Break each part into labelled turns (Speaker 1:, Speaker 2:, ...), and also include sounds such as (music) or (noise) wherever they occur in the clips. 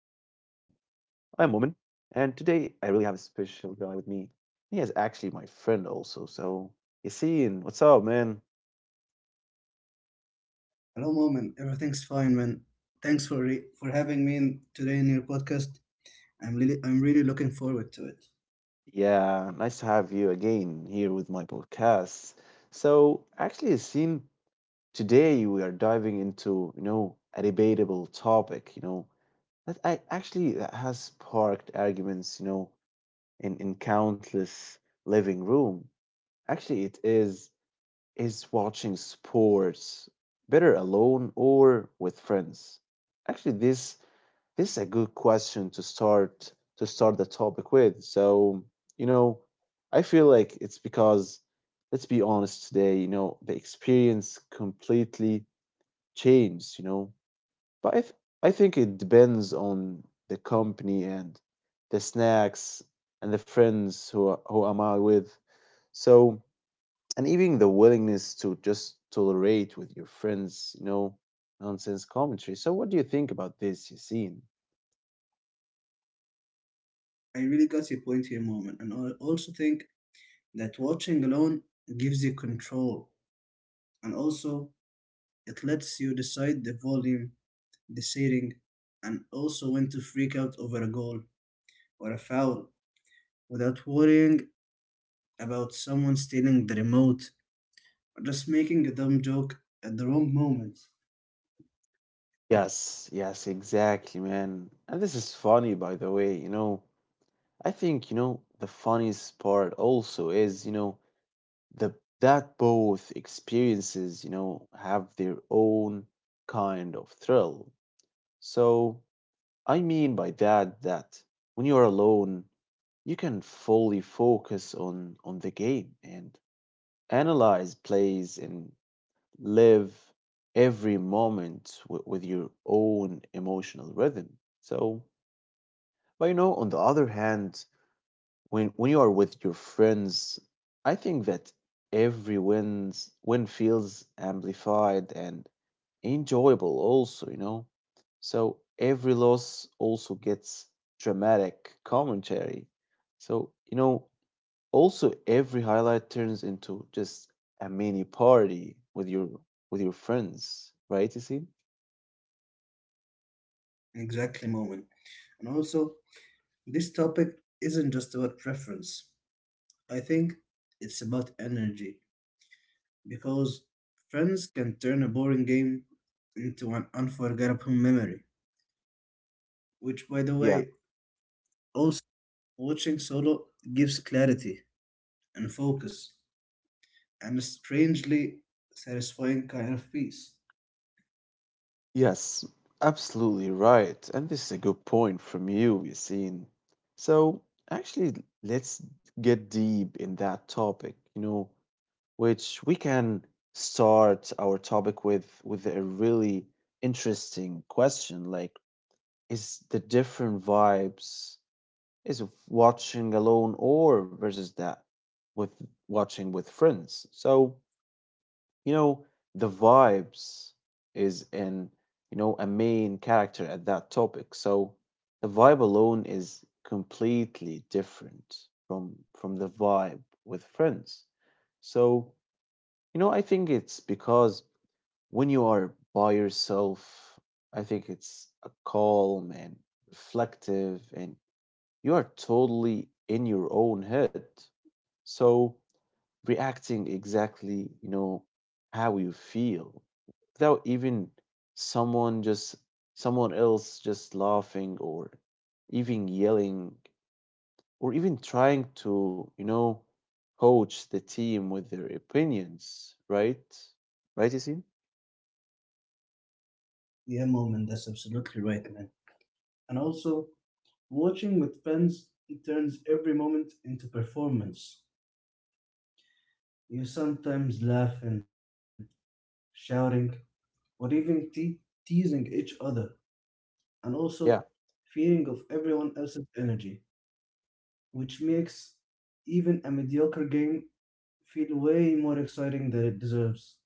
Speaker 1: Momin, and today I really have a special guy with me. He is actually my friend also. So, Yassine, what's up, man?
Speaker 2: Hello, mom, and everything's fine, man. Thanks for for having me in today in your podcast. I'm really looking forward to it.
Speaker 1: Yeah, nice to have you again here with my podcast. So, actually, Yassine, today we are diving into, you know, a debatable topic, That I, actually that has sparked arguments, you know, in countless living room. Actually, it is watching sports better alone or with friends? Actually, this is a good question to start the topic with. So, you know, I feel like it's because let's be honest today, you know, the experience completely changed, you know, but I, th- I think it depends on the company and the snacks and the friends who am I with. So, and even the willingness to just tolerate with your friends, you know, nonsense commentary. So what do you think about this, Yassine?
Speaker 2: I really got your point here, mom, and I also think that watching alone gives you control, and also it lets you decide the volume, the setting, and also when to freak out over a goal or a foul without worrying about someone stealing the remote or just making a dumb joke at the wrong moment.
Speaker 1: Yes, yes, exactly, man. And this is funny, by the way. You know, I think you know the funniest part also is the that both experiences, you know, have their own kind of thrill. So I mean by that that when you are alone, you can fully focus on the game and analyze plays and live every moment with your own emotional rhythm. So, but you know, on the other hand, when you are with your friends, I think that every wins win feels amplified and enjoyable also, you know. So every loss also gets dramatic commentary. So, you know, also every highlight turns into just a mini party with your friends, right, you see?
Speaker 2: Exactly, moment. And also, this topic isn't just about preference. I think it's about energy because friends can turn a boring game into an unforgettable memory, which, by the
Speaker 1: Yeah.
Speaker 2: way, also watching solo gives clarity and focus and a strangely satisfying kind of peace.
Speaker 1: Yes, absolutely right. And this is a good point from you, Yassine. So, actually, let's get deep in that topic, you know, which we can start our topic with a really interesting question like is the different vibes is of watching alone or versus that with watching with friends. So, you know the vibes is in, you know, a main character at that topic. So the vibe alone is completely different from the vibe with friends. So you know I think it's because when you are by yourself I think it's a calm and reflective, and you are totally in your own head. So reacting exactly, you know, how you feel without even someone just someone else just laughing or even yelling or even trying to, you know, coach the team with their opinions, right? Right, Yassine?
Speaker 2: Yeah, moment, that's absolutely right, man. And also, watching with friends it turns every moment into performance. You sometimes laughing, shouting, or even teasing each other, and
Speaker 1: Yeah.
Speaker 2: also fearing of everyone else's energy, which makes even a mediocre game feel way more exciting than it deserves.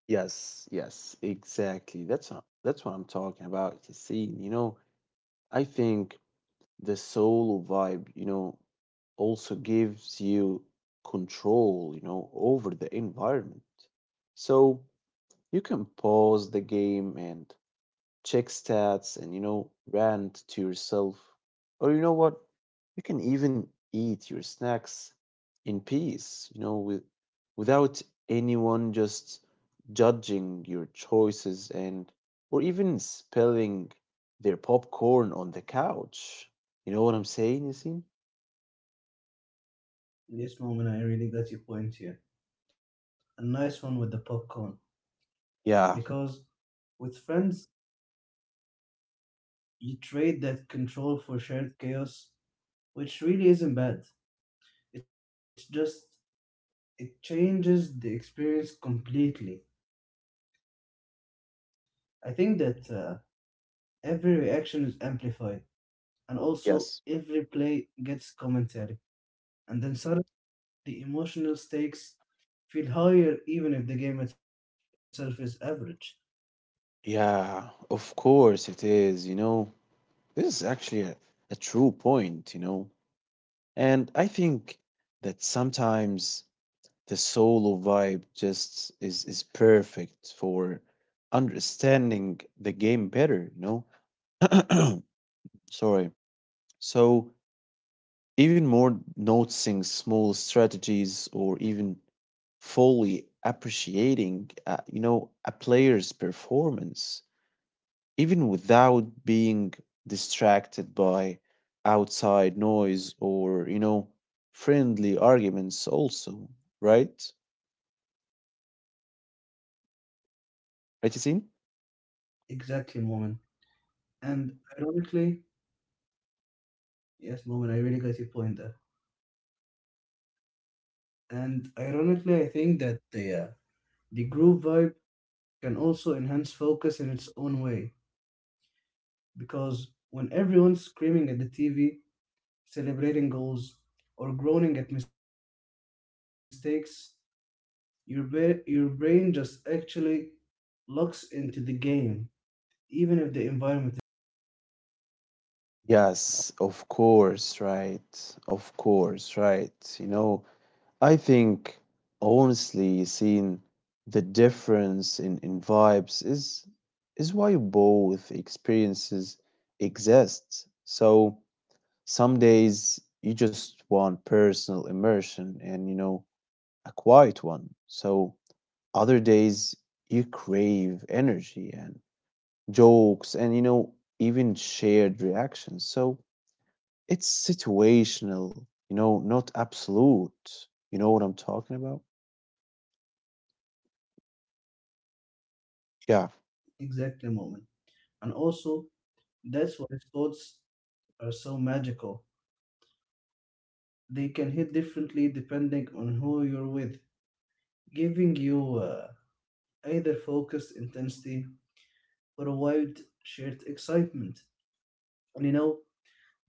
Speaker 1: Yes, yes, exactly. That's what I'm talking about, Yassine. You know, I think the soul vibe, you know, also gives you control, you know, over the environment. So you can pause the game and check stats, and you know, rant to yourself, or you know what, you can even eat your snacks in peace, you know, without anyone just judging your choices, and or even spilling their popcorn on the couch. You know what I'm saying, Yasin?
Speaker 2: Yes, moment, I really got your point here. A nice one with the popcorn,
Speaker 1: Yeah.
Speaker 2: because with friends, you trade that control for shared chaos, which really isn't bad. It's just, it changes the experience completely. I think that every reaction is amplified and also
Speaker 1: yes
Speaker 2: every play gets commentary. And then suddenly the emotional stakes feel higher even if the game itself is average.
Speaker 1: yeah, of course it is, you know. This is actually a true point, you know. And I think that sometimes the solo vibe just is perfect for understanding the game better, you know? (clears throat) Sorry. So even more noticing small strategies or even fully appreciating you know, a player's performance, even without being distracted by outside noise or you know, friendly arguments also, right? right you
Speaker 2: Exactly, Moment. And ironically, yes, Moment, I really got your point there. And ironically, I think that the group vibe can also enhance focus in its own way because when everyone's screaming at the TV, celebrating goals, or groaning at mistakes, your brain just actually locks into the game, even if the environment is chaotic.
Speaker 1: Yes, of course, right. Of course, right. You know, I think honestly seeing the difference in, vibes is why both experiences exist. So some days you just want personal immersion and you know, a quiet one. So other days you crave energy and jokes, and you know, even shared reactions. So it's situational, you know, not absolute. You know what I'm talking about? Yeah.
Speaker 2: Exactly, moment. And also, that's why thoughts are so magical. They can hit differently depending on who you're with, giving you either focused intensity or a wild, shared excitement. And you know,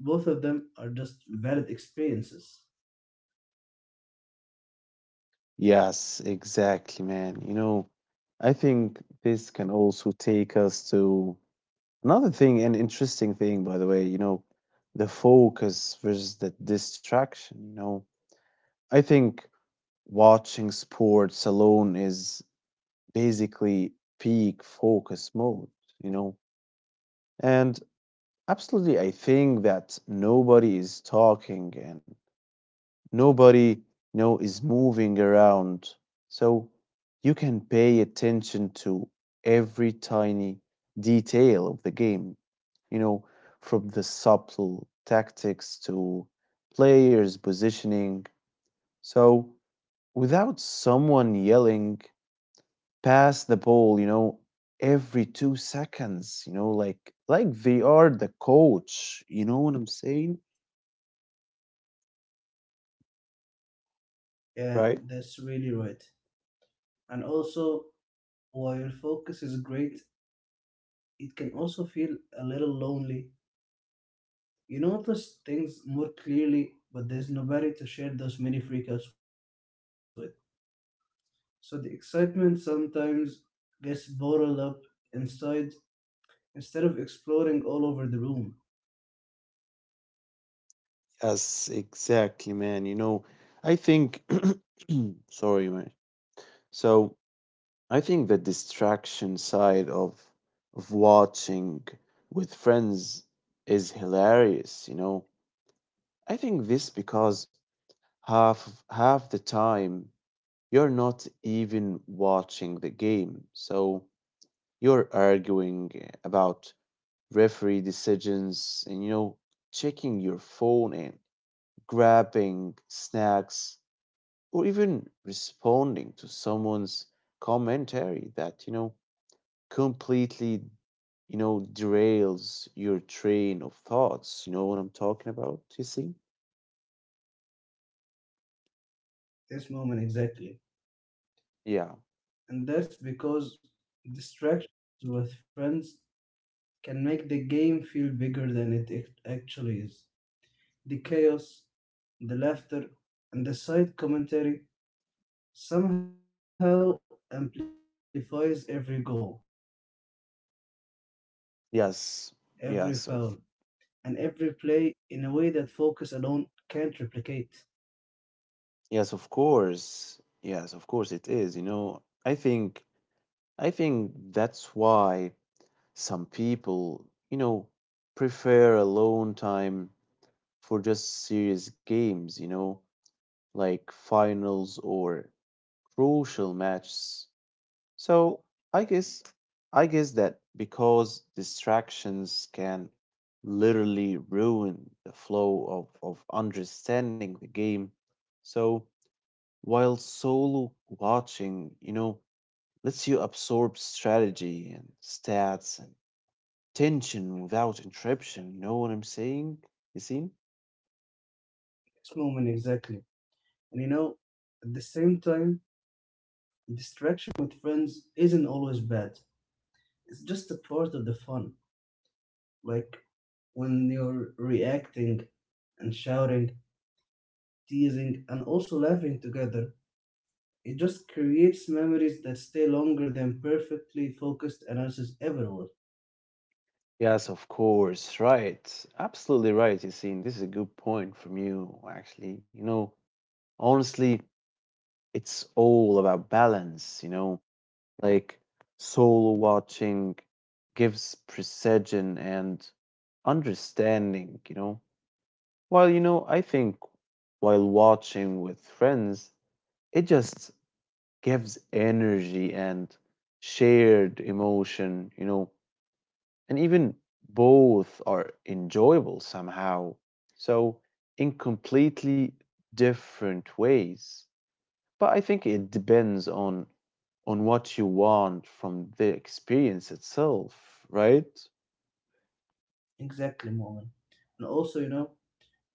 Speaker 2: both of them are just valid experiences.
Speaker 1: Yes, exactly, man. You know, I think this can also take us to another thing, an interesting thing, by the way, you know, the focus versus the distraction, you know. I think watching sports alone is basically peak focus mode, you know. And absolutely, I think that nobody is talking and nobody, you know, is moving around. So you can pay attention to every tiny detail of the game, you know, from the subtle tactics to players positioning. So without someone yelling pass the ball, you know, every 2 seconds, you know, like they are the coach. You know what I'm saying? Right.
Speaker 2: Yeah, that's really right. And also, while focus is great, it can also feel a little lonely. You notice things more clearly, but there's nobody to share those mini freakouts with. So the excitement sometimes gets bottled up inside instead of exploring all over the room.
Speaker 1: Yes, exactly, man, you know. I think (clears throat) Sorry, man. So I think the distraction side of watching with friends is hilarious, you know. I think this because half half the time you're not even watching the game. So you're arguing about referee decisions, and you know, checking your phone and grabbing snacks, or even responding to someone's commentary that, you know, completely, you know, derails your train of thoughts. You know what I'm talking about, you see?
Speaker 2: This moment exactly.
Speaker 1: Yeah.
Speaker 2: And that's because distractions with friends can make the game feel bigger than it actually is. The chaos, the laughter, and the side commentary somehow amplifies every goal,
Speaker 1: yes
Speaker 2: every film,
Speaker 1: yes of
Speaker 2: and every play in a way that focus alone can't replicate.
Speaker 1: yes, of course, yes, of course it is, you know. I think, that's why some people, you know, prefer alone time for just serious games, you know, like finals or crucial matches. So I guess I guess that because distractions can literally ruin the flow of understanding the game. So while solo watching, you know, lets you absorb strategy and stats and tension without interruption. You know what I'm saying, Yassine?
Speaker 2: This moment exactly. And you know, at the same time, distraction with friends isn't always bad. It's just a part of the fun. Like when you're reacting and shouting, teasing, and also laughing together, it just creates memories that stay longer than perfectly focused analysis ever would.
Speaker 1: Yes, of course. Right. Absolutely right, Yassine. This is a good point from you, actually. You know, honestly, it's all about balance, you know? Like, solo watching gives precision and understanding, you know? While, you know, I think while watching with friends, it just gives energy and shared emotion, you know? And even both are enjoyable somehow. So, in completely different ways. But I think it depends on what you want from the experience itself, right?
Speaker 2: Exactly, moment. And also, you know,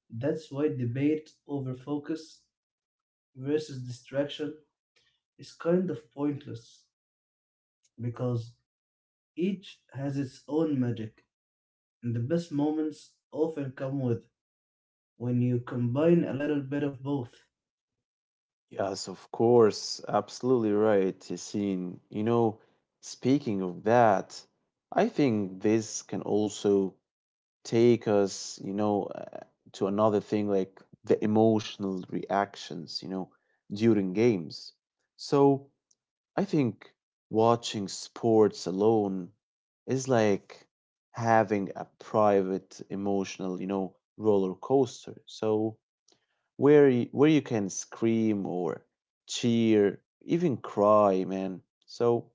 Speaker 2: that's why debate over focus versus distraction is kind of pointless because each has its own magic, and the best moments often come with when you combine a little bit of both.
Speaker 1: Yes, of course, absolutely right, Yassine. You know, speaking of that, I think this can also take us, you know, to another thing like the emotional reactions, you know, during games. So I think watching sports alone is like having a private emotional, you know, roller coaster. So where you can scream or cheer, even cry, man. So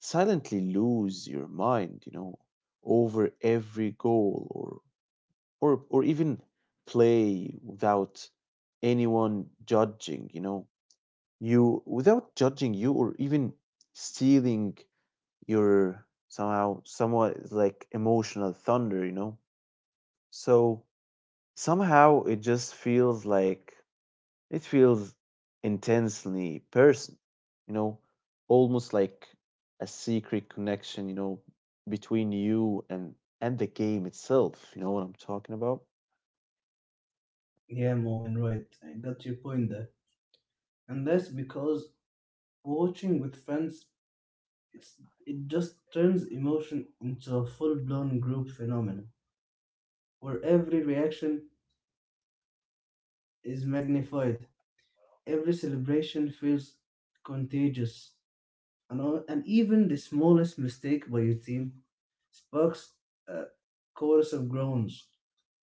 Speaker 1: silently lose your mind, you know, over every goal, or even play without anyone judging, you know. You without judging you or even stealing, you're somehow, somewhat, it's like emotional thunder, you know? So somehow it just feels like, it feels intensely personal, you know, almost like a secret connection, you know, between you and the game itself. You know what I'm talking about?
Speaker 2: Yeah, Moment, right. I got your point there. And that's because watching with friends it's it just turns emotion into a full-blown group phenomenon where every reaction is magnified, every celebration feels contagious, and, and even the smallest mistake by your team sparks a chorus of groans,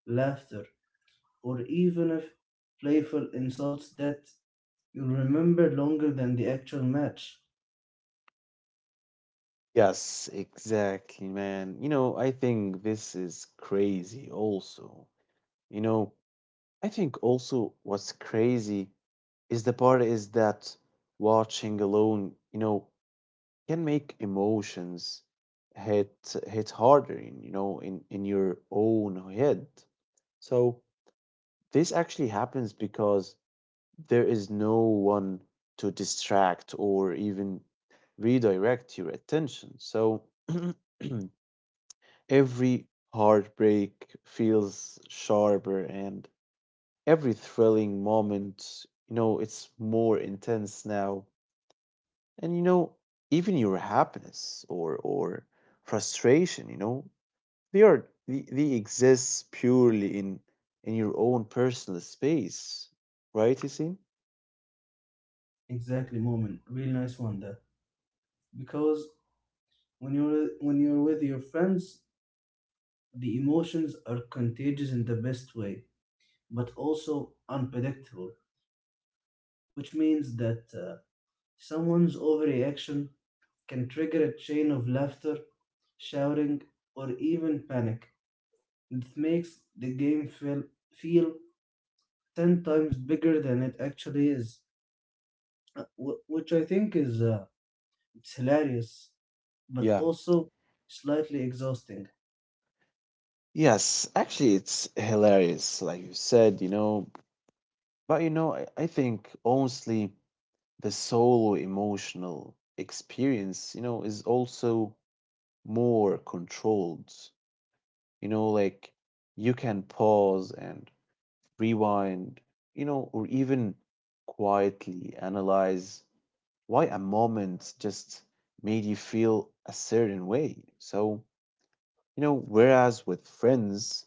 Speaker 2: laughter, or even if playful insults that you'll remember longer than the actual match.
Speaker 1: Yes, exactly, man. You know, I think this is crazy also. You know, I think also what's crazy is the part is that watching alone, you know, can make emotions hit harder, you know, in your own head. So this actually happens because there is no one to distract or even redirect your attention. So (clears throat) every heartbreak feels sharper and every thrilling moment, you know, it's more intense now. And you know, even your happiness or frustration, you know, they exist purely in your own personal space, right, you see?
Speaker 2: Exactly, moment. Real nice one there. Because when you're with your friends, the emotions are contagious in the best way, but also unpredictable, which means that someone's overreaction can trigger a chain of laughter, shouting, or even panic that makes the game feel 10 times bigger than it actually is. Which I think is it's hilarious but
Speaker 1: Yeah.
Speaker 2: also slightly exhausting
Speaker 1: Yes, actually it's hilarious like you said, you know. But you know, I think honestly the solo emotional experience, you know, is also more controlled, you know, like you can pause and rewind, you know, or even quietly analyze why a moment just made you feel a certain way. So, you know, whereas with friends,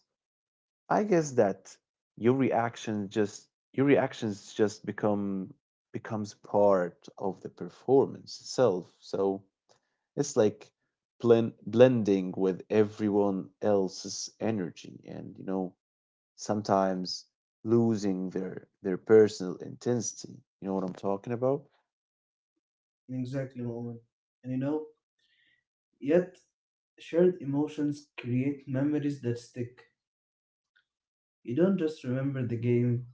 Speaker 1: I guess that your reactions just becomes part of the performance itself. So it's like blending with everyone else's energy, and you know, sometimes losing their personal intensity. You know what I'm talking about?
Speaker 2: exactly moment. And you know, yet shared emotions create memories that stick. You don't just remember the game,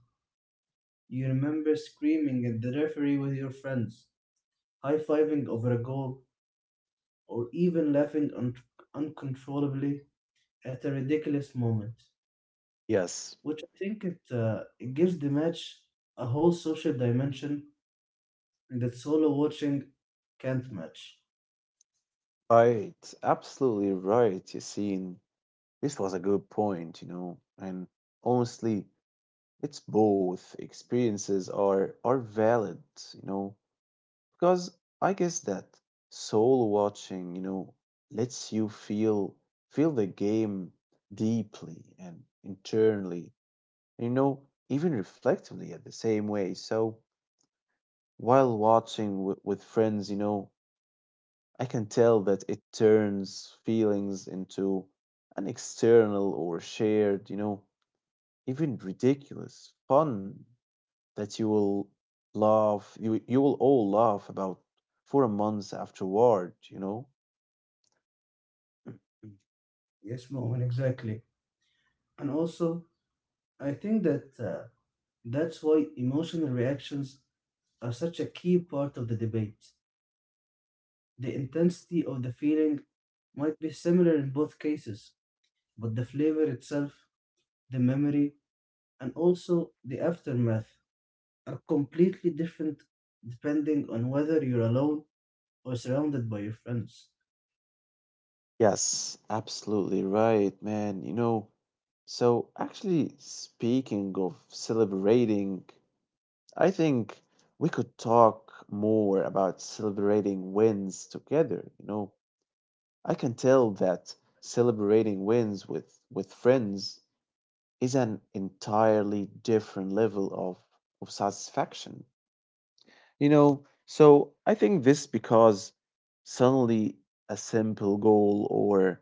Speaker 2: you remember screaming at the referee with your friends, high fiving over a goal, or even laughing uncontrollably at a ridiculous moment,
Speaker 1: Yes,
Speaker 2: which I think it, it gives the match a whole social dimension that solo watching can't match.
Speaker 1: right. Absolutely right, Yassine. This was a good point, you know. And honestly, it's both experiences are valid, you know, because I guess that soul watching, you know, lets you feel the game deeply and internally, you know, even reflectively at the same way. So while watching with friends, you know, I can tell that it turns feelings into an external or shared, you know, even ridiculous fun that you will all laugh about for a month afterward, you know.
Speaker 2: Yes, Moment, exactly. And also, I think that that's why emotional reactions are such a key part of the debate. The intensity of the feeling might be similar in both cases, but the flavor itself, the memory, and also the aftermath are completely different depending on whether you're alone or surrounded by your friends.
Speaker 1: Yes, absolutely right, man. You know, so actually speaking of celebrating, I think we could talk more about celebrating wins together, you know. I can tell that celebrating wins with friends is an entirely different level of satisfaction. You know, so I think this because suddenly a simple goal or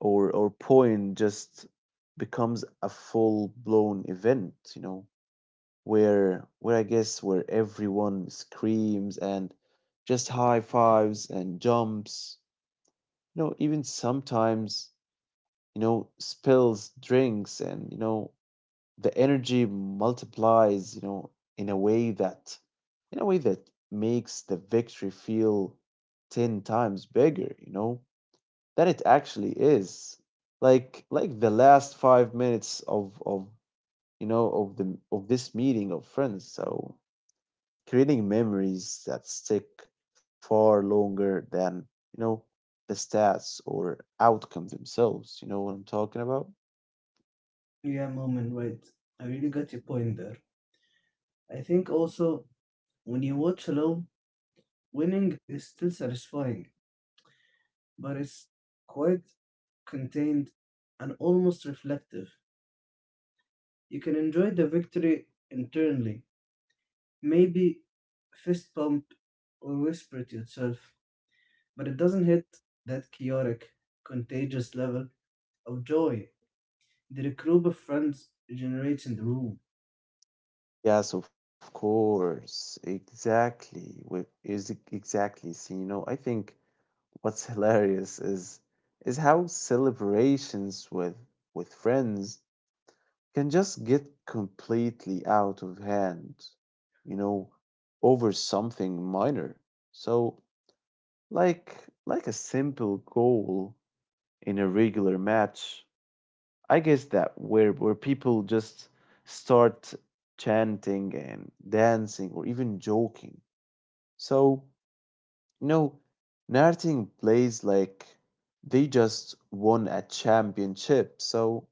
Speaker 1: or or point just becomes a full-blown event, you know, where where everyone screams and just high fives and jumps, you know. Even sometimes, you know, spills drinks, and you know, the energy multiplies, you know, in a way that in a way that makes the victory feel 10 times bigger, you know, than it actually is. Like the last 5 minutes of you know, of this meeting of friends. So creating memories that stick far longer than, you know, the stats or outcome themselves. You know what I'm talking about?
Speaker 2: Yeah, Moment, right. I really got your point there. I think also when you watch alone, winning is still satisfying, but it's quite contained and almost reflective. You can enjoy the victory internally, maybe fist pump or whisper to yourself, but it doesn't hit that chaotic, contagious level of joy there are group of friends generates in the room.
Speaker 1: Yes, of course. Exactly. Exactly. See, you know, I think what's hilarious is how celebrations with friends can just get completely out of hand, you know, over something minor. So, Like like a simple goal in a regular match. I guess that, where people just start chanting and dancing or even joking. So, you know, Narting plays like they just won a championship. So,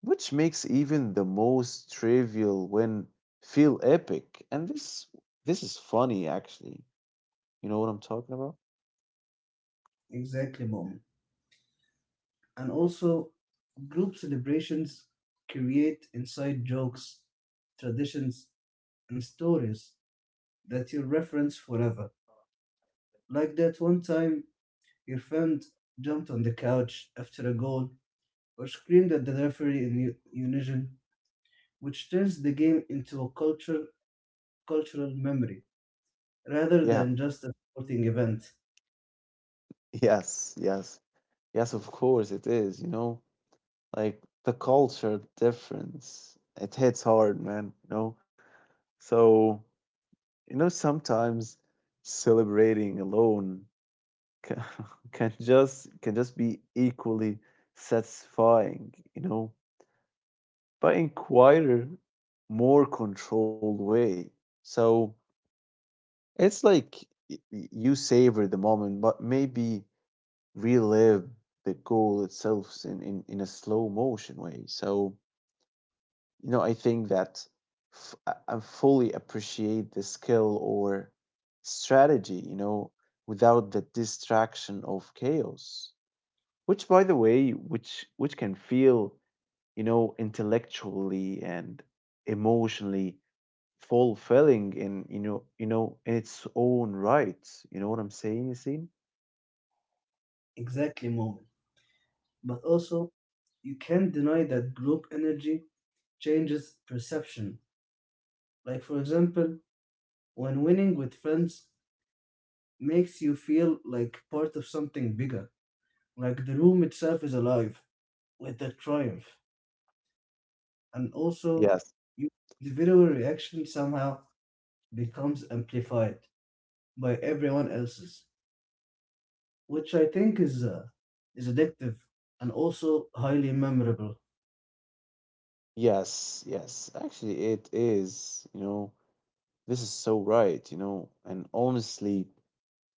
Speaker 1: which makes even the most trivial win feel epic. And this is funny actually. You know what I'm talking about?
Speaker 2: Exactly, mom. And also, group celebrations create inside jokes, traditions, and stories that you reference forever. Like that one time your friend jumped on the couch after a goal or screamed at the referee in unison, which turns the game into a cultural memory rather
Speaker 1: Yeah.
Speaker 2: than just a sporting event.
Speaker 1: (laughs) Yes, yes. Yes, of course it is, you know, like the culture difference. It hits hard, man, you know. So, you know, sometimes celebrating alone can, (laughs) can just be equally satisfying, you know, but in quieter, more controlled way. So it's like you savor the moment, but maybe relive the goal itself in, in a slow motion way. So, you know, I think that I fully appreciate the skill or strategy, you know, without the distraction of chaos. Which, by the way, which can feel, you know, intellectually and emotionally fulfilling in, you know, in its own right. You know what I'm saying, Yassine?
Speaker 2: Exactly, mom. But also, you can't deny that group energy changes perception. Like, for example, when winning with friends makes you feel like part of something bigger, like the room itself is alive with the triumph. And also,
Speaker 1: Yes.
Speaker 2: your individual reaction somehow becomes amplified by everyone else's, which I think is addictive and also highly memorable.
Speaker 1: Yes, yes. Actually, it is, you know, this is so right, you know, and honestly,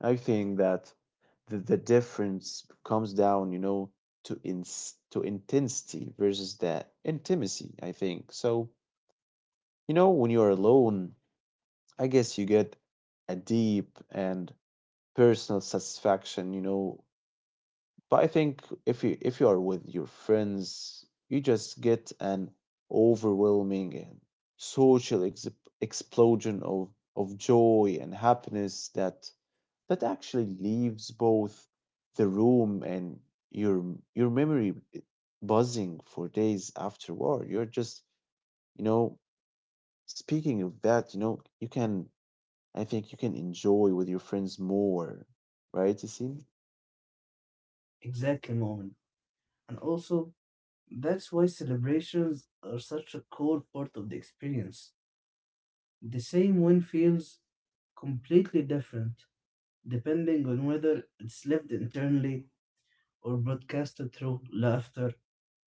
Speaker 1: I think that the difference comes down, you know, to ins to intensity versus that intimacy, I think. So, you know, when you're alone, I guess you get a deep and personal satisfaction, you know. But I think if you are with your friends, you just get an overwhelming and social ex explosion of joy and happiness that that actually leaves both the room and your your memory buzzing for days afterward. You're just, you know, speaking of that, you know, you can, I think you can enjoy with your friends more, right, Yasin?
Speaker 2: Exactly, moment. And also, that's why celebrations are such a core part of the experience. The same win feels completely different depending on whether it's lived internally or broadcasted through laughter,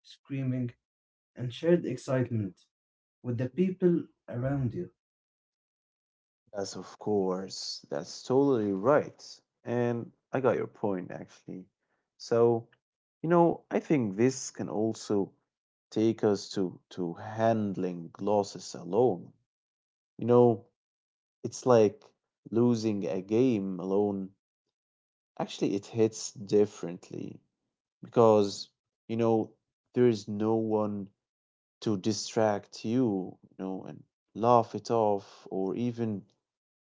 Speaker 2: screaming, and shared excitement with the people around you.
Speaker 1: Yes, of course. That's totally right. And I got your point actually. So, you know, I think this can also take us to handling losses alone. You know, it's like losing a game alone. Actually, it hits differently because, you know, there is no one to distract you, you know, and laugh it off or even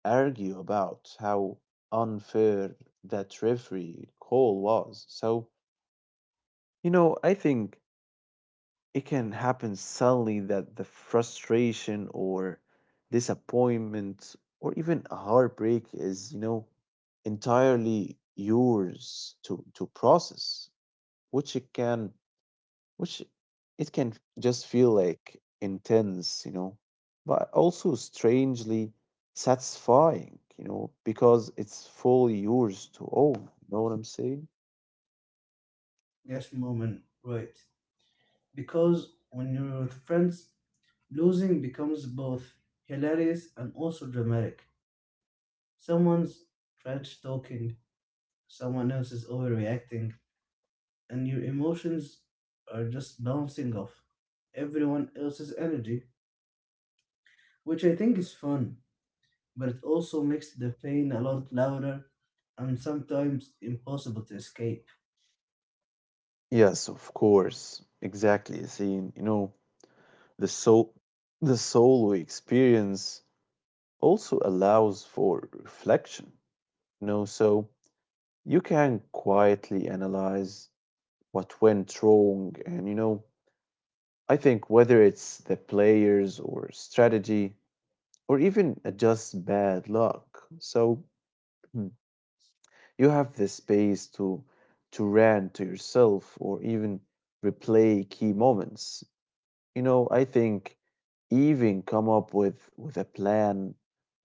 Speaker 1: argue about how unfair that referee call was. So, you know, I think it can happen suddenly that the frustration or disappointment or even a heartbreak is, you know, entirely yours to process, which it can, which it can just feel like intense, you know, but also strangely satisfying, you know, because it's fully yours to own. You know what I'm saying?
Speaker 2: Yes, Moment, right. Because when you're with friends, losing becomes both hilarious and also dramatic. Someone's trash talking, someone else is overreacting, and your emotions are just bouncing off everyone else's energy, which I think is fun, but it also makes the pain a lot louder and sometimes impossible to escape.
Speaker 1: Yes, of course. Exactly. See, you know, The soul, the soul we experience also allows for reflection. You know, so you can quietly analyze what went wrong, and you know, I think whether it's the players or strategy or even just bad luck. So, hmm, you have the space to rant to yourself or even replay key moments. You know, I think even come up with a plan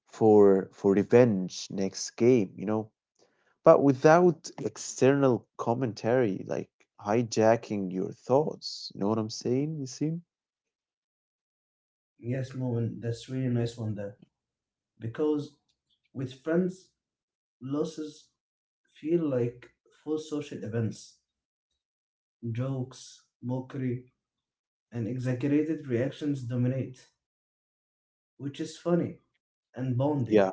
Speaker 1: for revenge next game, you know. But without external commentary, like hijacking your thoughts. You know what I'm saying, Yasin?
Speaker 2: Yes, Moen, that's really nice one there. Because with friends, losses feel like full social events. Jokes, mockery, and exaggerated reactions dominate, which is funny and bonding,
Speaker 1: Yeah.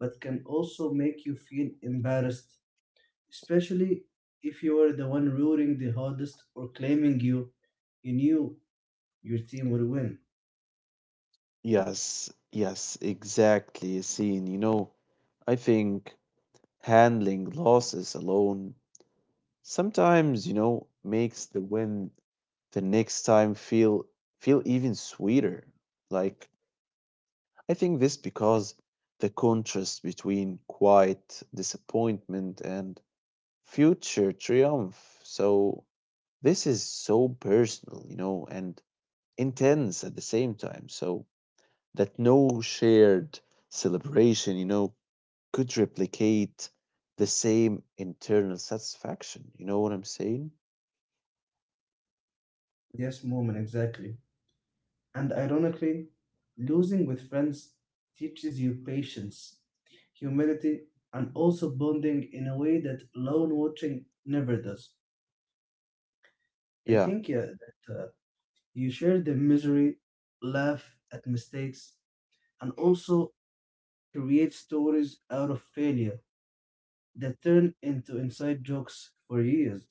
Speaker 2: but can also make you feel embarrassed especially if you were the one rooting the hardest or claiming you knew your team would win.
Speaker 1: Yes. Yes. Exactly, Yasin. You know, I think handling losses alone sometimes, you know, makes the win the next time feel even sweeter. Like, I think this because the contrast between quiet disappointment and future triumph. So this is so personal, you know, and intense at the same time. So that no shared celebration, you know, could replicate the same internal satisfaction. You know what I'm saying?
Speaker 2: Yes, moment, exactly. And ironically, losing with friends teaches you patience, humility, and also bonding in a way that lone watching never does. I
Speaker 1: Yeah.
Speaker 2: think yeah, that you share the misery, laugh at mistakes, and also create stories out of failure that turn into inside jokes for years.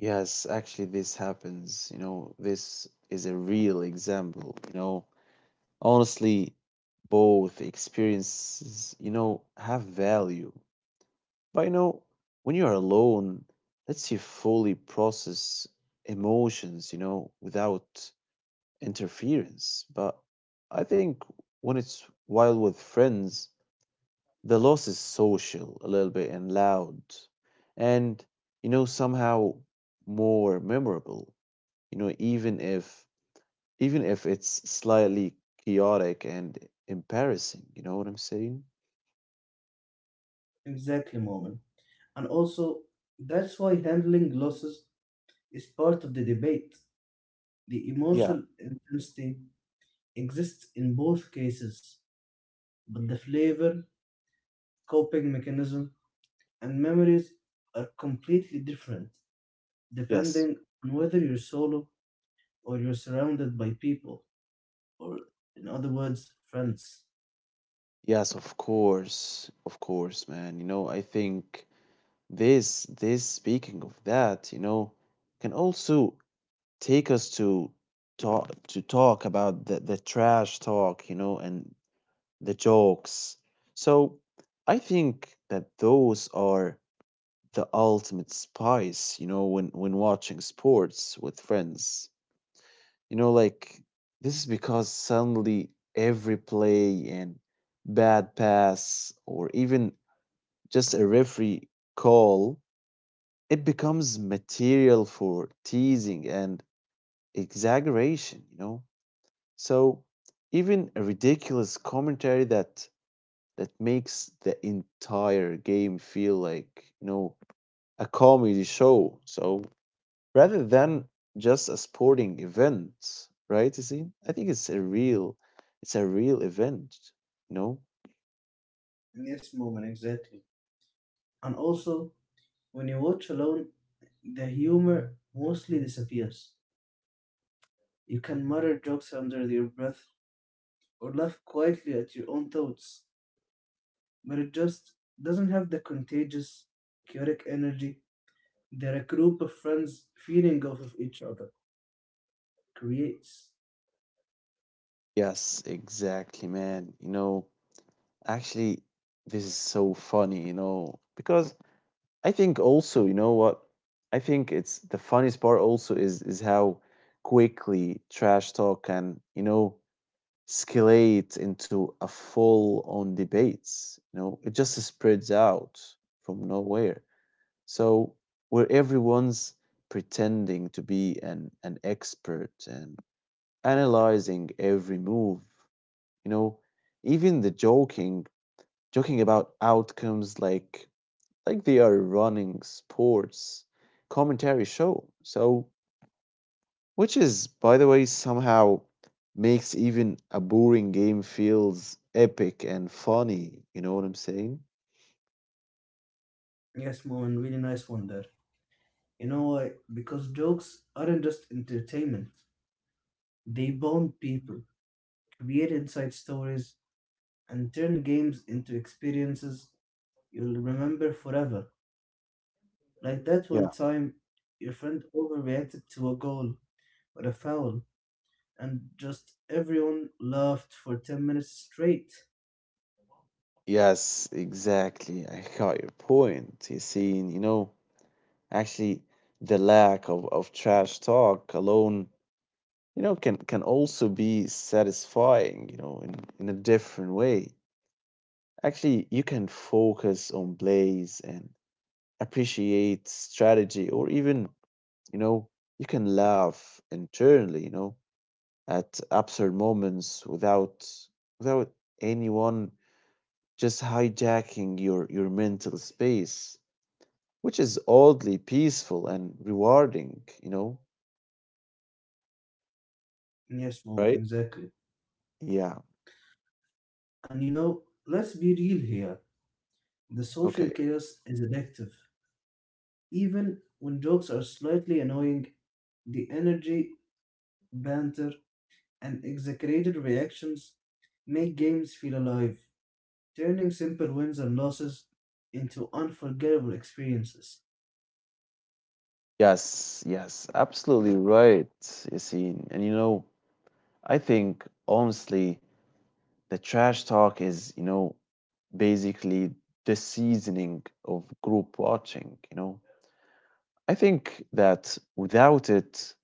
Speaker 1: Yes, actually, this happens. You know, this is a real example, you know. Honestly, both experiences, you know, have value. But you know, when you're alone, lets you fully process emotions, you know, without interference. But I think when it's while with friends, the loss is social a little bit and loud. And, you know, somehow more memorable, you know, even if it's slightly chaotic and embarrassing. You know what I'm saying?
Speaker 2: Exactly, Moment. And also, that's why handling losses is part of the debate. The
Speaker 1: Yeah.
Speaker 2: emotional intensity exists in both cases, but the flavor, coping mechanism, and memories are completely different
Speaker 1: Yes.
Speaker 2: depending on whether you're solo or you're surrounded by people, or in other words, friends,
Speaker 1: Yes, of course. Of course, man. You know, I think this speaking of that, you know, can also take us to talk about the trash talk, you know, and the jokes. So I think that those are the ultimate spice, you know, when watching sports with friends. You know, like this is because suddenly every play and bad pass or even just a referee call, it becomes material for teasing and exaggeration, you know? So even a ridiculous commentary that makes the entire game feel like, you know, a comedy show. So rather than just a sporting event, right, Yassine? I think it's a real event, you know?
Speaker 2: in this moment exactly. And also, when you watch alone, the humor mostly disappears. You can mutter jokes under your breath or laugh quietly at your own thoughts, but it just doesn't have the contagious, chaotic energy that a group of friends feeding off of each other creates.
Speaker 1: Yes, exactly, man. You know, actually, this is so funny, you know, because I think also, you know what? I think it's the funniest part also is how quickly trash talk can, you know, escalate into a full on debates. You know, it just spreads out from nowhere. So where everyone's pretending to be an expert and analyzing every move, you know, even the joking about outcomes like they are running sports commentary show. So which is, by the way, somehow makes even a boring game feels epic and funny. You know what I'm saying?
Speaker 2: Yes, Moen, really nice one there. You know why? Because jokes aren't just entertainment, they bond people, create inside stories, and turn games into experiences you'll remember forever. Like that
Speaker 1: Yeah.
Speaker 2: one time your friend overreacted to a goal or a foul, and just everyone laughed for 10 minutes straight.
Speaker 1: Yes, exactly. I got your point. You see, and, you know, actually, the lack of trash talk alone, you know, can also be satisfying, you know, in a different way. Actually, you can focus on plays and appreciate strategy or even, you know, you can laugh internally, you know, at absurd moments without without anyone just hijacking your mental space, which is oddly peaceful and rewarding, you know,
Speaker 2: Yes, moment,
Speaker 1: right?
Speaker 2: exactly.
Speaker 1: Yeah.
Speaker 2: And you know, let's be real here. The social
Speaker 1: Okay.
Speaker 2: chaos is addictive. Even when jokes are slightly annoying, the energy, banter, and exaggerated reactions make games feel alive, turning simple wins and losses into unforgettable experiences.
Speaker 1: Yes, yes, absolutely right, Yassine. And you know, I think honestly, the trash talk is, you know, basically the seasoning of group watching, you know. I think that without it,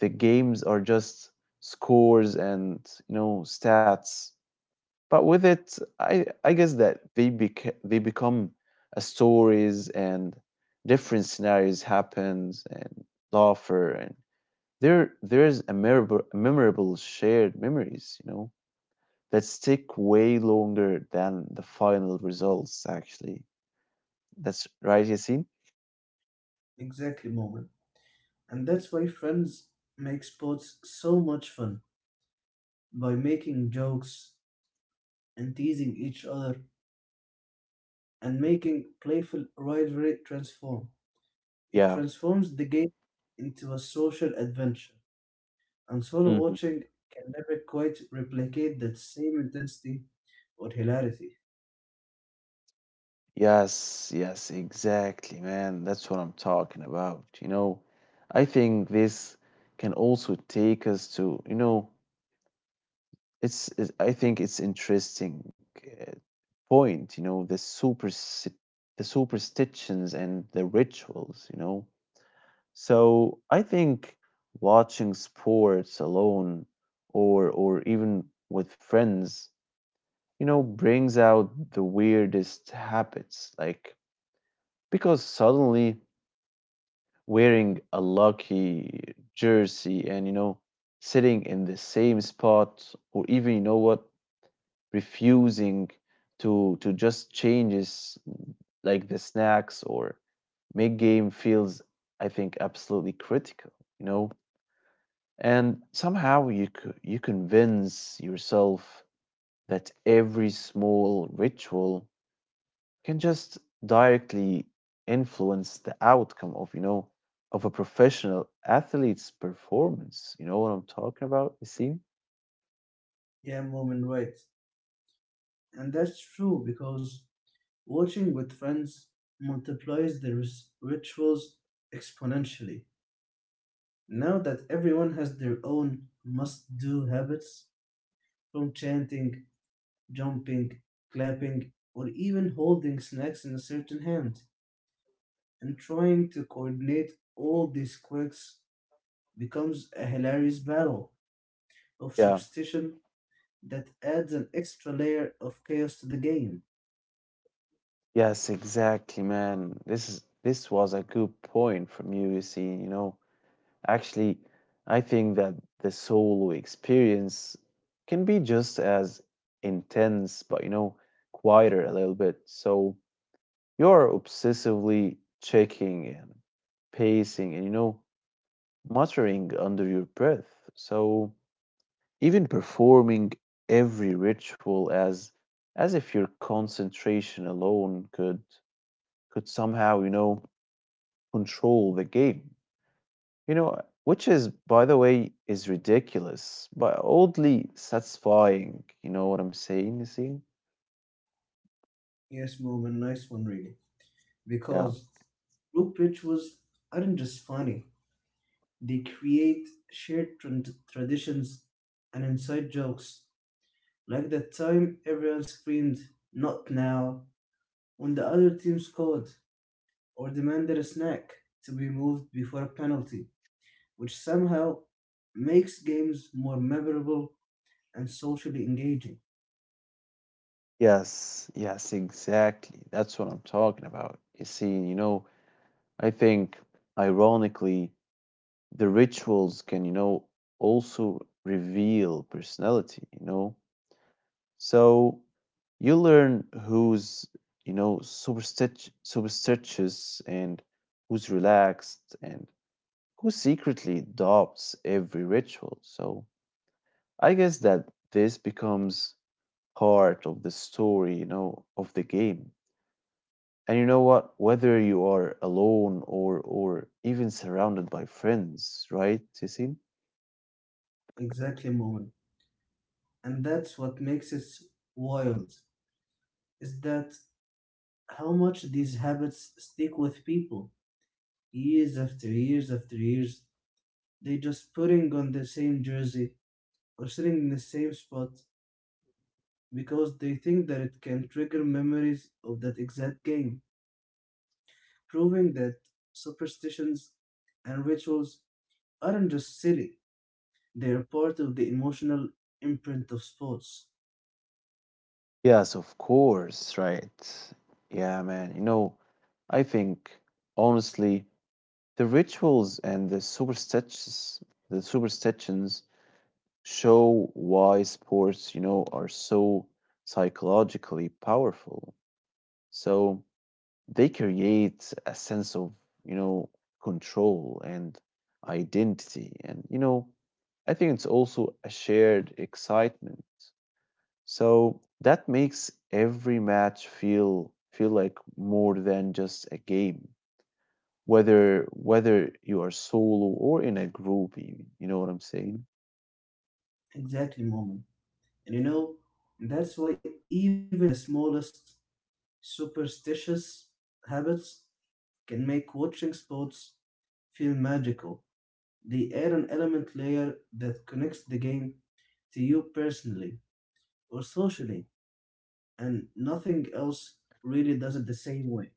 Speaker 1: the games are just scores and, you know, stats. But with it, I guess that they become a stories and different scenarios happens and laughter, and there's a memorable shared memories, you know, that stick way longer than the final results actually. That's right, Yasin.
Speaker 2: Exactly, moment. And that's why friends make sports so much fun by making jokes and teasing each other and making playful rivalry transform. It
Speaker 1: Yeah.
Speaker 2: transforms the game into a social adventure, and solo watching can never quite replicate that same intensity or hilarity.
Speaker 1: Yes, yes, exactly, man. That's what I'm talking about. You know, I think this can also take us to, you know, it's I think it's interesting uh, point, you know, the super the superstitions and the rituals, you know. So I think watching sports alone or even with friends, you know, brings out the weirdest habits, like, because suddenly wearing a lucky jersey and, you know, sitting in the same spot or even, you know what, refusing to just changes like the snacks or make game feels, I think, absolutely critical, you know. And somehow you convince yourself that every small ritual can just directly influence the outcome of, you know, of a professional athlete's performance. You know what I'm talking about? You see?
Speaker 2: Yeah, moment, right. And that's true because watching with friends multiplies the rituals exponentially. Now that everyone has their own must do habits, from chanting, jumping, clapping, or even holding snacks in a certain hand, and trying to coordinate all these quirks becomes a hilarious battle of
Speaker 1: Yeah.
Speaker 2: superstition that adds an extra layer of chaos to the game.
Speaker 1: Yes, exactly, man. This was a good point from you. You see, you know, actually, I think that the solo experience can be just as intense, but you know, quieter a little bit. So you're obsessively checking and pacing and, you know, muttering under your breath. So, even performing every ritual as if your concentration alone could somehow, you know, control the game. You know, which is, by the way, is ridiculous, but oddly satisfying. You know what I'm saying, you see?
Speaker 2: Yes, Mom, a nice one, really,
Speaker 1: Yeah.
Speaker 2: because group rituals aren't just funny, they create shared tran traditions and inside jokes, like that time everyone screamed, "Not now," when the other team scored, or demanded a snack to be moved before a penalty, which somehow makes games more memorable and socially engaging.
Speaker 1: Yes, yes, exactly. That's what I'm talking about. You see, you know, I think ironically the rituals can, you know, also reveal personality, you know. So you learn who's, you know, superstitious and who's relaxed and who secretly adopts every ritual. So I guess that this becomes part of the story, you know, of the game. And you know what, whether you are alone or even surrounded by friends, right, Tisim?
Speaker 2: Exactly, Mohan. And that's what makes it wild, is that how much these habits stick with people years after years after years, they just putting on the same jersey or sitting in the same spot because they think that it can trigger memories of that exact game, proving that superstitions and rituals aren't just silly, they are part of the emotional imprint of sports.
Speaker 1: Yes, of course, right. Yeah, man. You know, I think honestly, the rituals and the superstitions show why sports, you know, are so psychologically powerful. So they create a sense of, you know, control and identity. And, you know, I think it's also a shared excitement, so that makes every match feel like more than just a game. Whether you are solo or in a group, even, you know what I'm saying?
Speaker 2: Exactly, moment. And you know, that's why even the smallest superstitious habits can make watching sports feel magical. They add an element layer that connects the game to you personally or socially, and nothing else really does it the same way.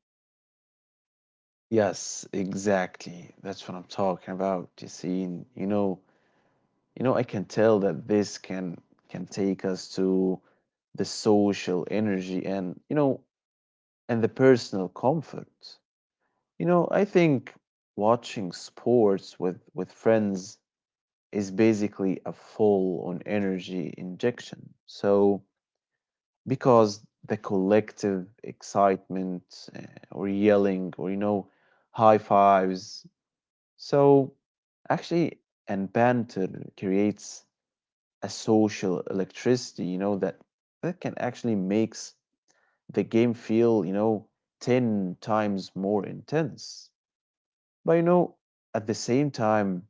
Speaker 1: Yes, exactly. That's what I'm talking about, Yassine. I can tell that this can take us to the social energy and and the personal comfort. I think watching sports with friends is basically a full on energy injection. Because the collective excitement or yelling or, high fives. So, actually, and banter creates a social electricity, that can actually makes the game feel, 10 times more intense. But, at the same time,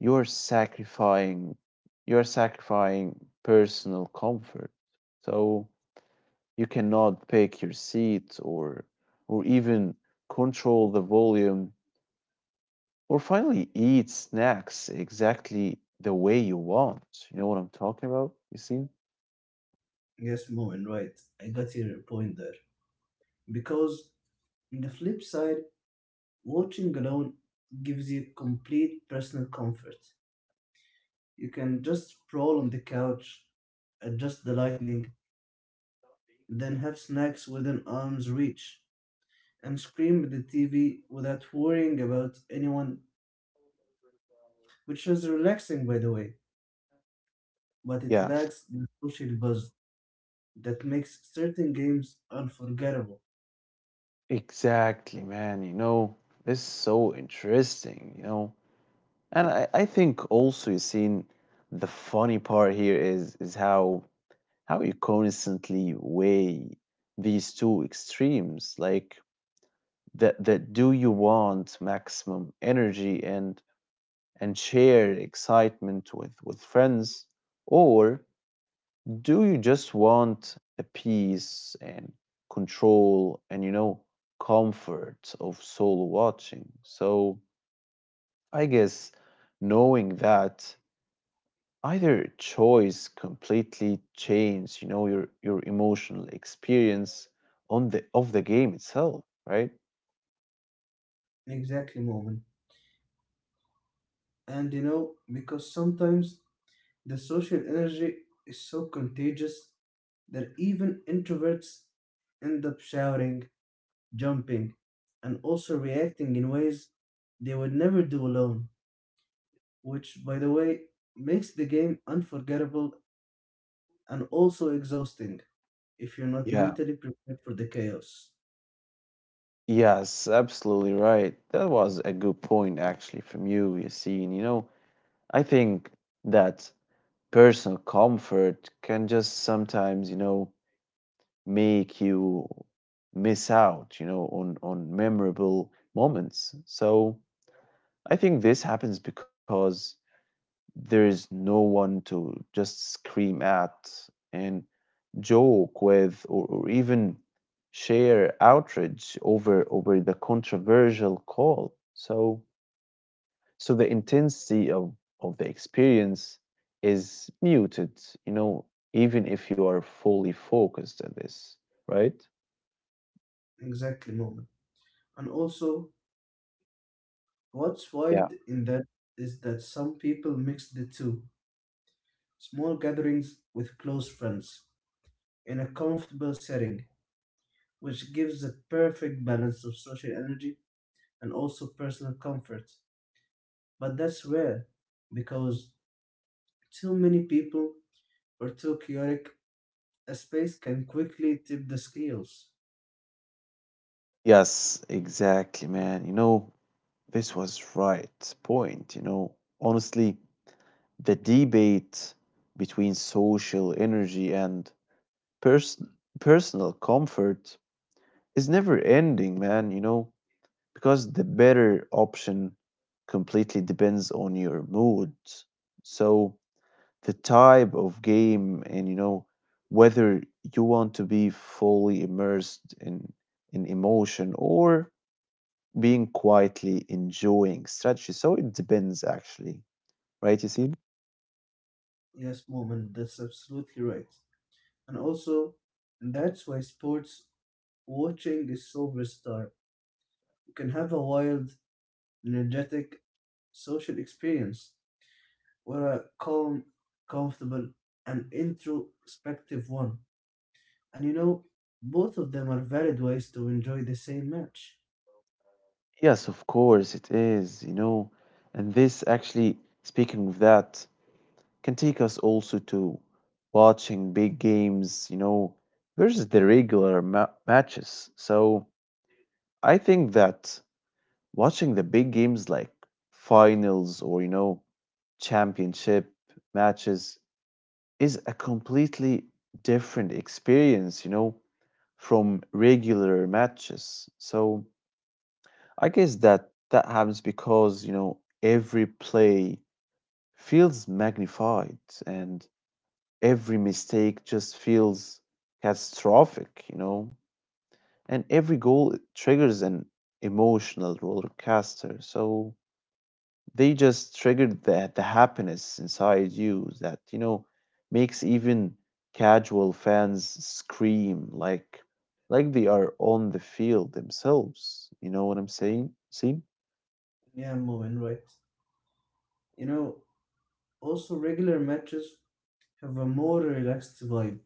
Speaker 1: you're sacrificing you're sacrificing personal comfort, so you cannot pick your seat or even control the volume or finally eat snacks exactly the way you want. You know what I'm talking about? You see?
Speaker 2: Yes, Moen, right. I got your point there. Because on the flip side, watching alone gives you complete personal comfort. You can just sprawl on the couch, adjust the lighting, then have snacks within arm's reach, and scream at the TV without worrying about anyone, which is relaxing, by the way. But it
Speaker 1: Yeah,
Speaker 2: lacks the social buzz that makes certain games unforgettable.
Speaker 1: exactly, man. This is so interesting. I think also you seen the funny part here is how you constantly weigh these two extremes, like that that do you want maximum energy and share excitement with friends, or do you just want a peace and control and, comfort of solo watching? So I guess knowing that either choice completely changed, you know, your emotional experience on the of the game itself, right?
Speaker 2: Exactly, moment. And you know, because sometimes the social energy is so contagious that even introverts end up shouting, jumping, and also reacting in ways they would never do alone, which, by the way, makes the game unforgettable and also exhausting if you're not
Speaker 1: Yeah.
Speaker 2: mentally prepared for the chaos.
Speaker 1: Yes, absolutely right. That was a good point actually from you, you see. And you know i think that personal comfort can just sometimes, make you miss out, you know, on memorable moments. So I think this happens because there's no one to just scream at and joke with, or even share outrage over the controversial call. So the intensity of the experience is muted, you know, even if you are fully focused at this, right?
Speaker 2: Exactly, moment. And also, what's
Speaker 1: Yeah.
Speaker 2: wild in that is that some people mix the two, small gatherings with close friends in a comfortable setting, which gives a perfect balance of social energy and also personal comfort. But that's rare because too many people or too chaotic a space can quickly tip the scales.
Speaker 1: Yes, exactly, man. This was right point, you know. Honestly, the debate between social energy and person personal comfort is never ending, man, you know, because the better option completely depends on your mood. So the type of game and, whether you want to be fully immersed in emotion or being quietly enjoying strategy. So it depends actually, right, you see?
Speaker 2: Yes, moment, that's absolutely right. And also, that's why sports watching is so versatile. You can have a wild, energetic social experience were a calm, comfortable, and introspective one. And you know, both of them are valid ways to enjoy the same match.
Speaker 1: Yes, of course it is, you know. And this actually, speaking of that, can take us also to watching big games, you know, versus the regular ma matches. So I think that watching the big games like finals or, you know, championship matches is a completely different experience, you know, from regular matches. So I guess that that happens because, you know, every play feels magnified and every mistake just feels catastrophic, you know, and every goal triggers an emotional roller coaster. So they just triggered that the happiness inside you that, you know, makes even casual fans scream like they are on the field themselves. You know what I'm saying? See?
Speaker 2: Yeah, Moen, right. You know, also regular matches have a more relaxed vibe.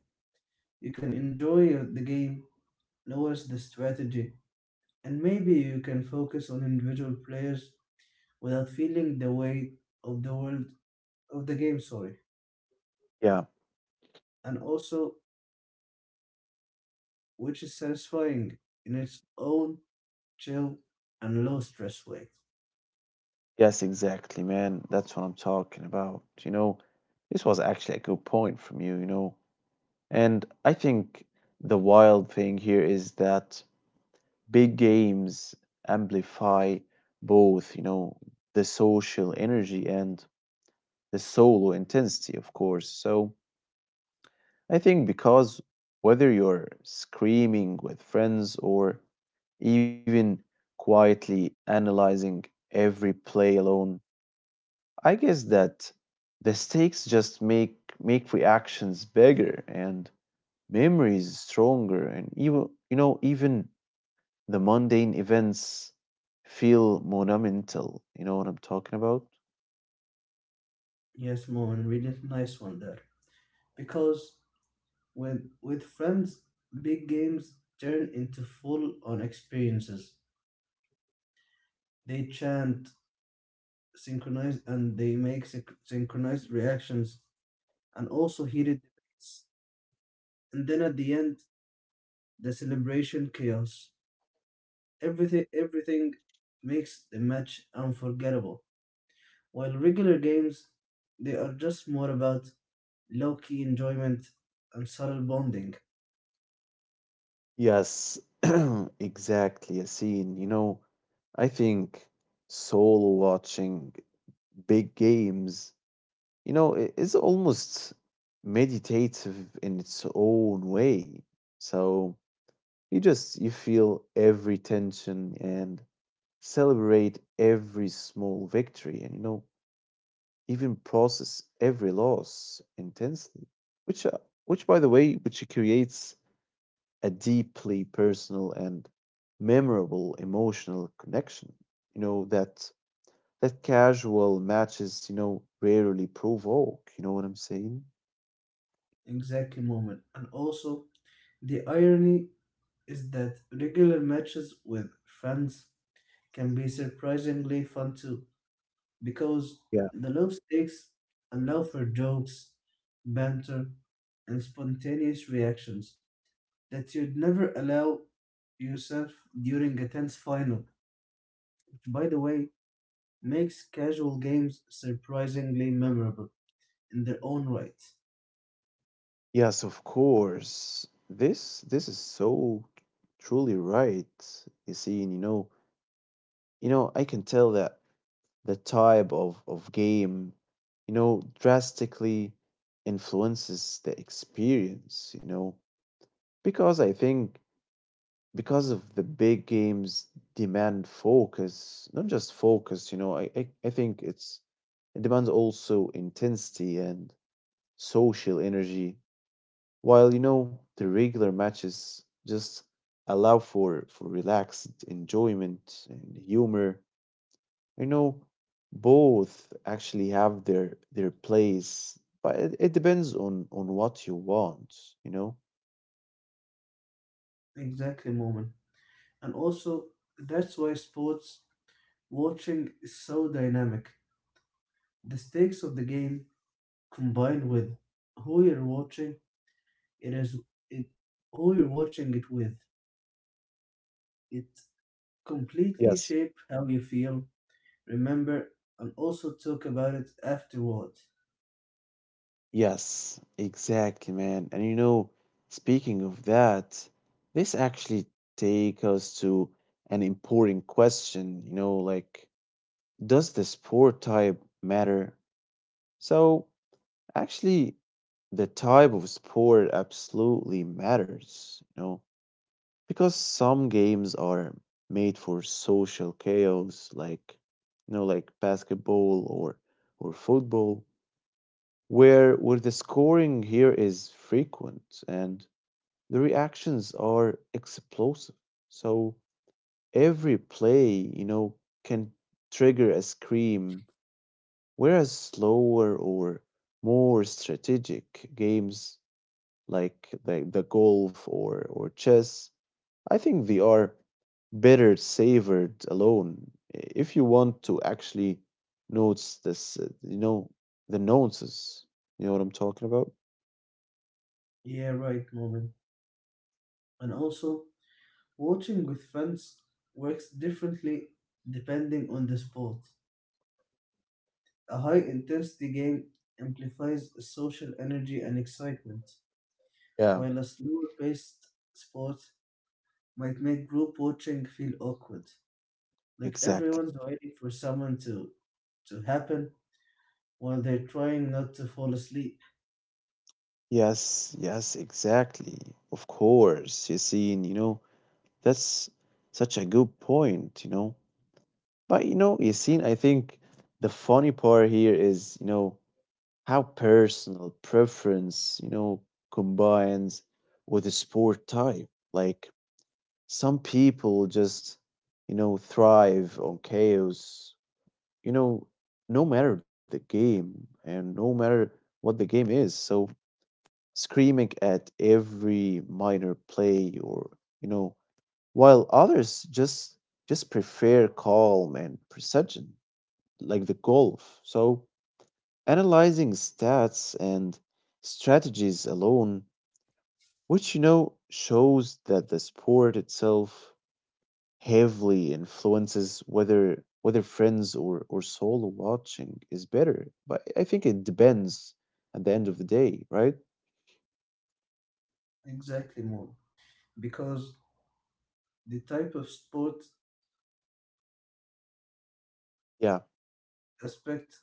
Speaker 2: You can enjoy the game, notice the strategy, and maybe you can focus on individual players without feeling the weight of the world of the game, sorry.
Speaker 1: Yeah.
Speaker 2: And also which is satisfying in its own chill and low stress way.
Speaker 1: Yes, exactly, man. That's what I'm talking about. You know, this was actually a good point from you, you know. And I think the wild thing here is that big games amplify both, you know, the social energy and the solo intensity, of course. So I think because whether you're screaming with friends or even quietly analyzing every play alone, I guess that the stakes just make reactions bigger and memories stronger and even, even the mundane events feel monumental. You know what I'm talking about?
Speaker 2: Yes, mom, and really nice one there. Because with friends, big games turn into full on experiences. They chant, synchronize, and they make synchronized reactions and also heated debates. And then at the end, the celebration chaos. Everything makes the match unforgettable. While regular games, they are just more about low key enjoyment and subtle bonding.
Speaker 1: Yes, (clears throat) exactly, Yassine. You know, I think solo watching big games, you know, is almost meditative in its own way. So you feel every tension and celebrate every small victory and, you know, even process every loss intensely, which uh, which, by the way, which creates a deeply personal and memorable emotional connection, you know, that casual matches, you know, rarely provoke. You know what I'm saying?
Speaker 2: Exactly, moment. And also, the irony is that regular matches with friends can be surprisingly fun too, because
Speaker 1: Yeah.
Speaker 2: the low stakes allow for jokes, banter, and spontaneous reactions that you'd never allow yourself during a tense final. Which, by the way, makes casual games surprisingly memorable in their own right.
Speaker 1: Yes, of course. This is so truly right, you see, and, I can tell that the type of game, you know, drastically influences the experience, you know, because I think because of the big games demand focus, not just focus, you know, I think it's it demands also intensity and social energy, while, you know, the regular matches just allow for relaxed enjoyment and humor, you know. Both actually have their place, but it depends on what you want, you know?
Speaker 2: Exactly, moment. And also, that's why sports watching is so dynamic. The stakes of the game combined with who you're watching it is it who you're watching it with. It completely
Speaker 1: Yes.
Speaker 2: shape how you feel, remember, and also talk about it afterward.
Speaker 1: Yes, exactly, man. And you know, speaking of that, this actually take us to an important question, you know, like, does the sport type matter? So, actually, the type of sport absolutely matters, you know. Because some games are made for social chaos, like, you know, like basketball or football, where the scoring here is frequent and the reactions are explosive. So every play, you know, can trigger a scream, whereas slower or more strategic games like the golf or, chess, I think they are better savored alone. If you want to actually notice this, you know, the nuances, you know what I'm talking about?
Speaker 2: Yeah, right, moment. And also, watching with friends works differently depending on the sport. A high intensity game amplifies social energy and excitement,
Speaker 1: Yeah.
Speaker 2: while a slower paced sport might make group watching feel awkward. Like
Speaker 1: Exactly.
Speaker 2: everyone's waiting for someone to happen while they're trying not to fall asleep.
Speaker 1: Yes, yes, exactly. Of course, Yasin, you know, that's such a good point, you know. But you know, Yasin, I think the funny part here is, you know, how personal preference, you know, combines with a sport type. Like, some people just, you know, thrive on chaos, you know, no matter the game and no matter what the game is. So screaming at every minor play or, you know, while others just prefer calm and precision, like the golf. So analyzing stats and strategies alone, which, you know, shows that the sport itself heavily influences whether friends or solo watching is better. But I think it depends at the end of the day, right?
Speaker 2: Exactly, more. Because the type of sport
Speaker 1: Yeah.
Speaker 2: aspect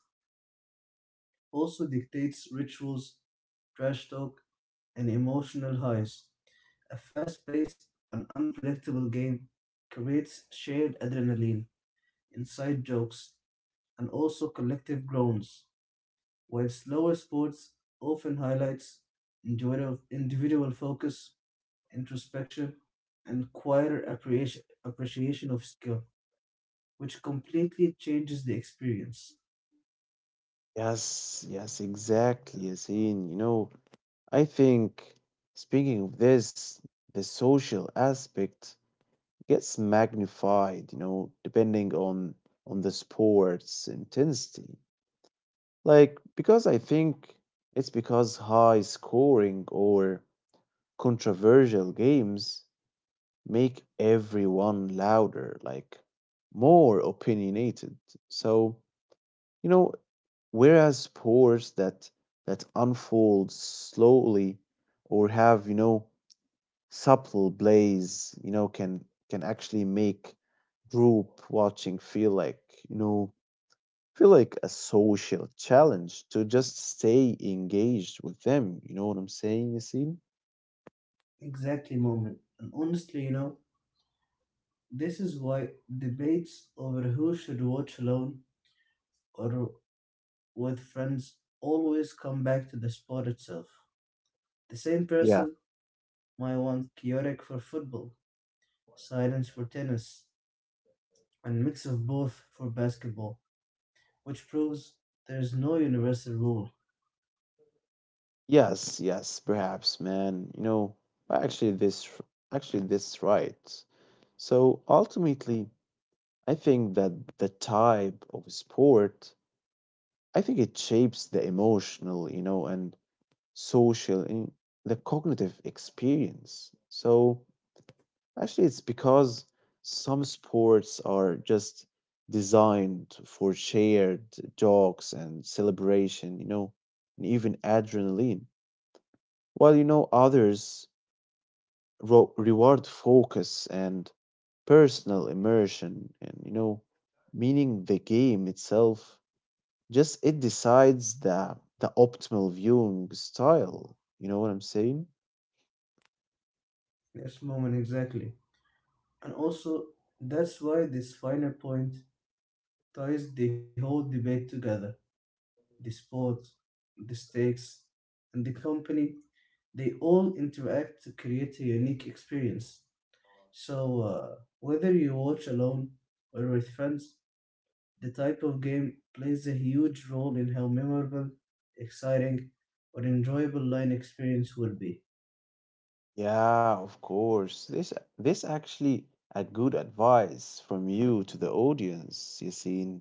Speaker 2: also dictates rituals, trash talk, and emotional highs. A fast paced and unpredictable game creates shared adrenaline, inside jokes, and also collective groans, while slower sports often highlights individual focus, introspection, and quieter appreciation of skill, which completely changes the experience.
Speaker 1: Yes, yes, exactly, Yasin. You know, I think speaking of this, the social aspect gets magnified, you know, depending on the sport's intensity. Like, because I think it's because high scoring or controversial games make everyone louder, like more opinionated. So, you know, whereas sports that unfold slowly or have, you know, subtle plays, you know, can actually make group watching feel like, you know, feel like a social challenge to just stay engaged with them. You know what I'm saying, Yasin?
Speaker 2: Exactly, moment. And honestly, you know, this is why debates over who should watch alone or with friends always come back to the sport itself. The same
Speaker 1: Yeah.
Speaker 2: person might want chaotic for football, silence for tennis, and mix of both for basketball, which proves there is no universal rule.
Speaker 1: Yes, yes, perhaps, man. You know, actually this actually, this right. So ultimately, I think that the type of sport, I think it shapes the emotional, you know, and social and the cognitive experience. So actually it's because some sports are just designed for shared jokes and celebration, you know, and even adrenaline. While, you know, others reward focus and personal immersion and, you know, meaning the game itself just it decides the optimal viewing style. You know what I'm saying?
Speaker 2: Yes, moment exactly. And also, that's why this final point ties the whole debate together. The sport, the stakes, and the company, they all interact to create a unique experience. So, whether you watch alone or with friends, the type of game plays a huge role in how memorable, exciting, or enjoyable line experience will be.
Speaker 1: Yeah, of course. This actually a good advice from you to the audience, you see.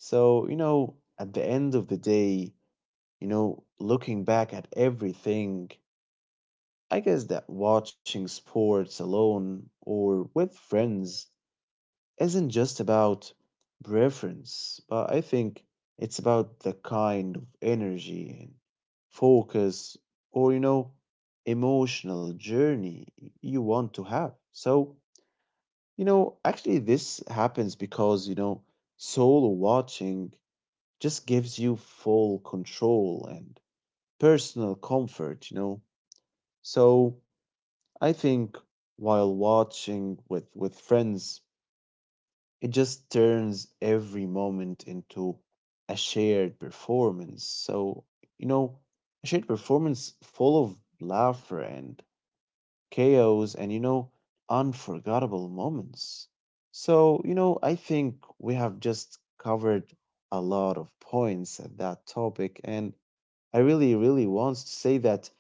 Speaker 1: So, you know, at the end of the day, you know, looking back at everything, I guess that watching sports alone or with friends isn't just about preference, but I think it's about the kind of energy and focus or, you know, emotional journey you want to have. So, you know, actually, this happens because, you know, solo watching just gives you full control and personal comfort, you know. So, I think while watching with friends, it just turns every moment into a shared performance. So, you know, a shared performance full of laughter and chaos and, you know, unforgettable moments. So, you know, I think we have just covered a lot of points at that topic. And I really, really want to say that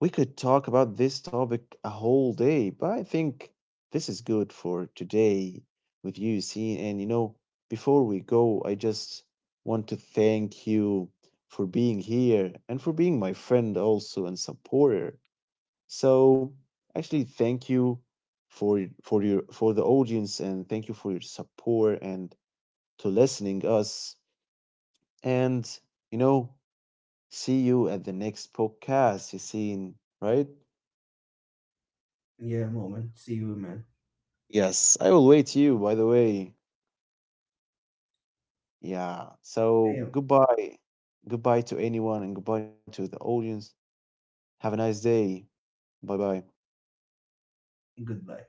Speaker 1: we could talk about this topic a whole day, but I think this is good for today with you, Yassine. And you know, before we go, I just want to thank you for being here and for being my friend also and supporter. So actually, thank you for your for the audience and thank you for your support and to listening us. And, you know, see you at the next podcast, Yassine. Right?
Speaker 2: Yeah, moment. See you, man.
Speaker 1: Yes, I will wait you, by the way. Yeah. So
Speaker 2: Yeah,
Speaker 1: goodbye. Goodbye to anyone and goodbye to the audience. Have a nice day. Bye bye.
Speaker 2: goodbye.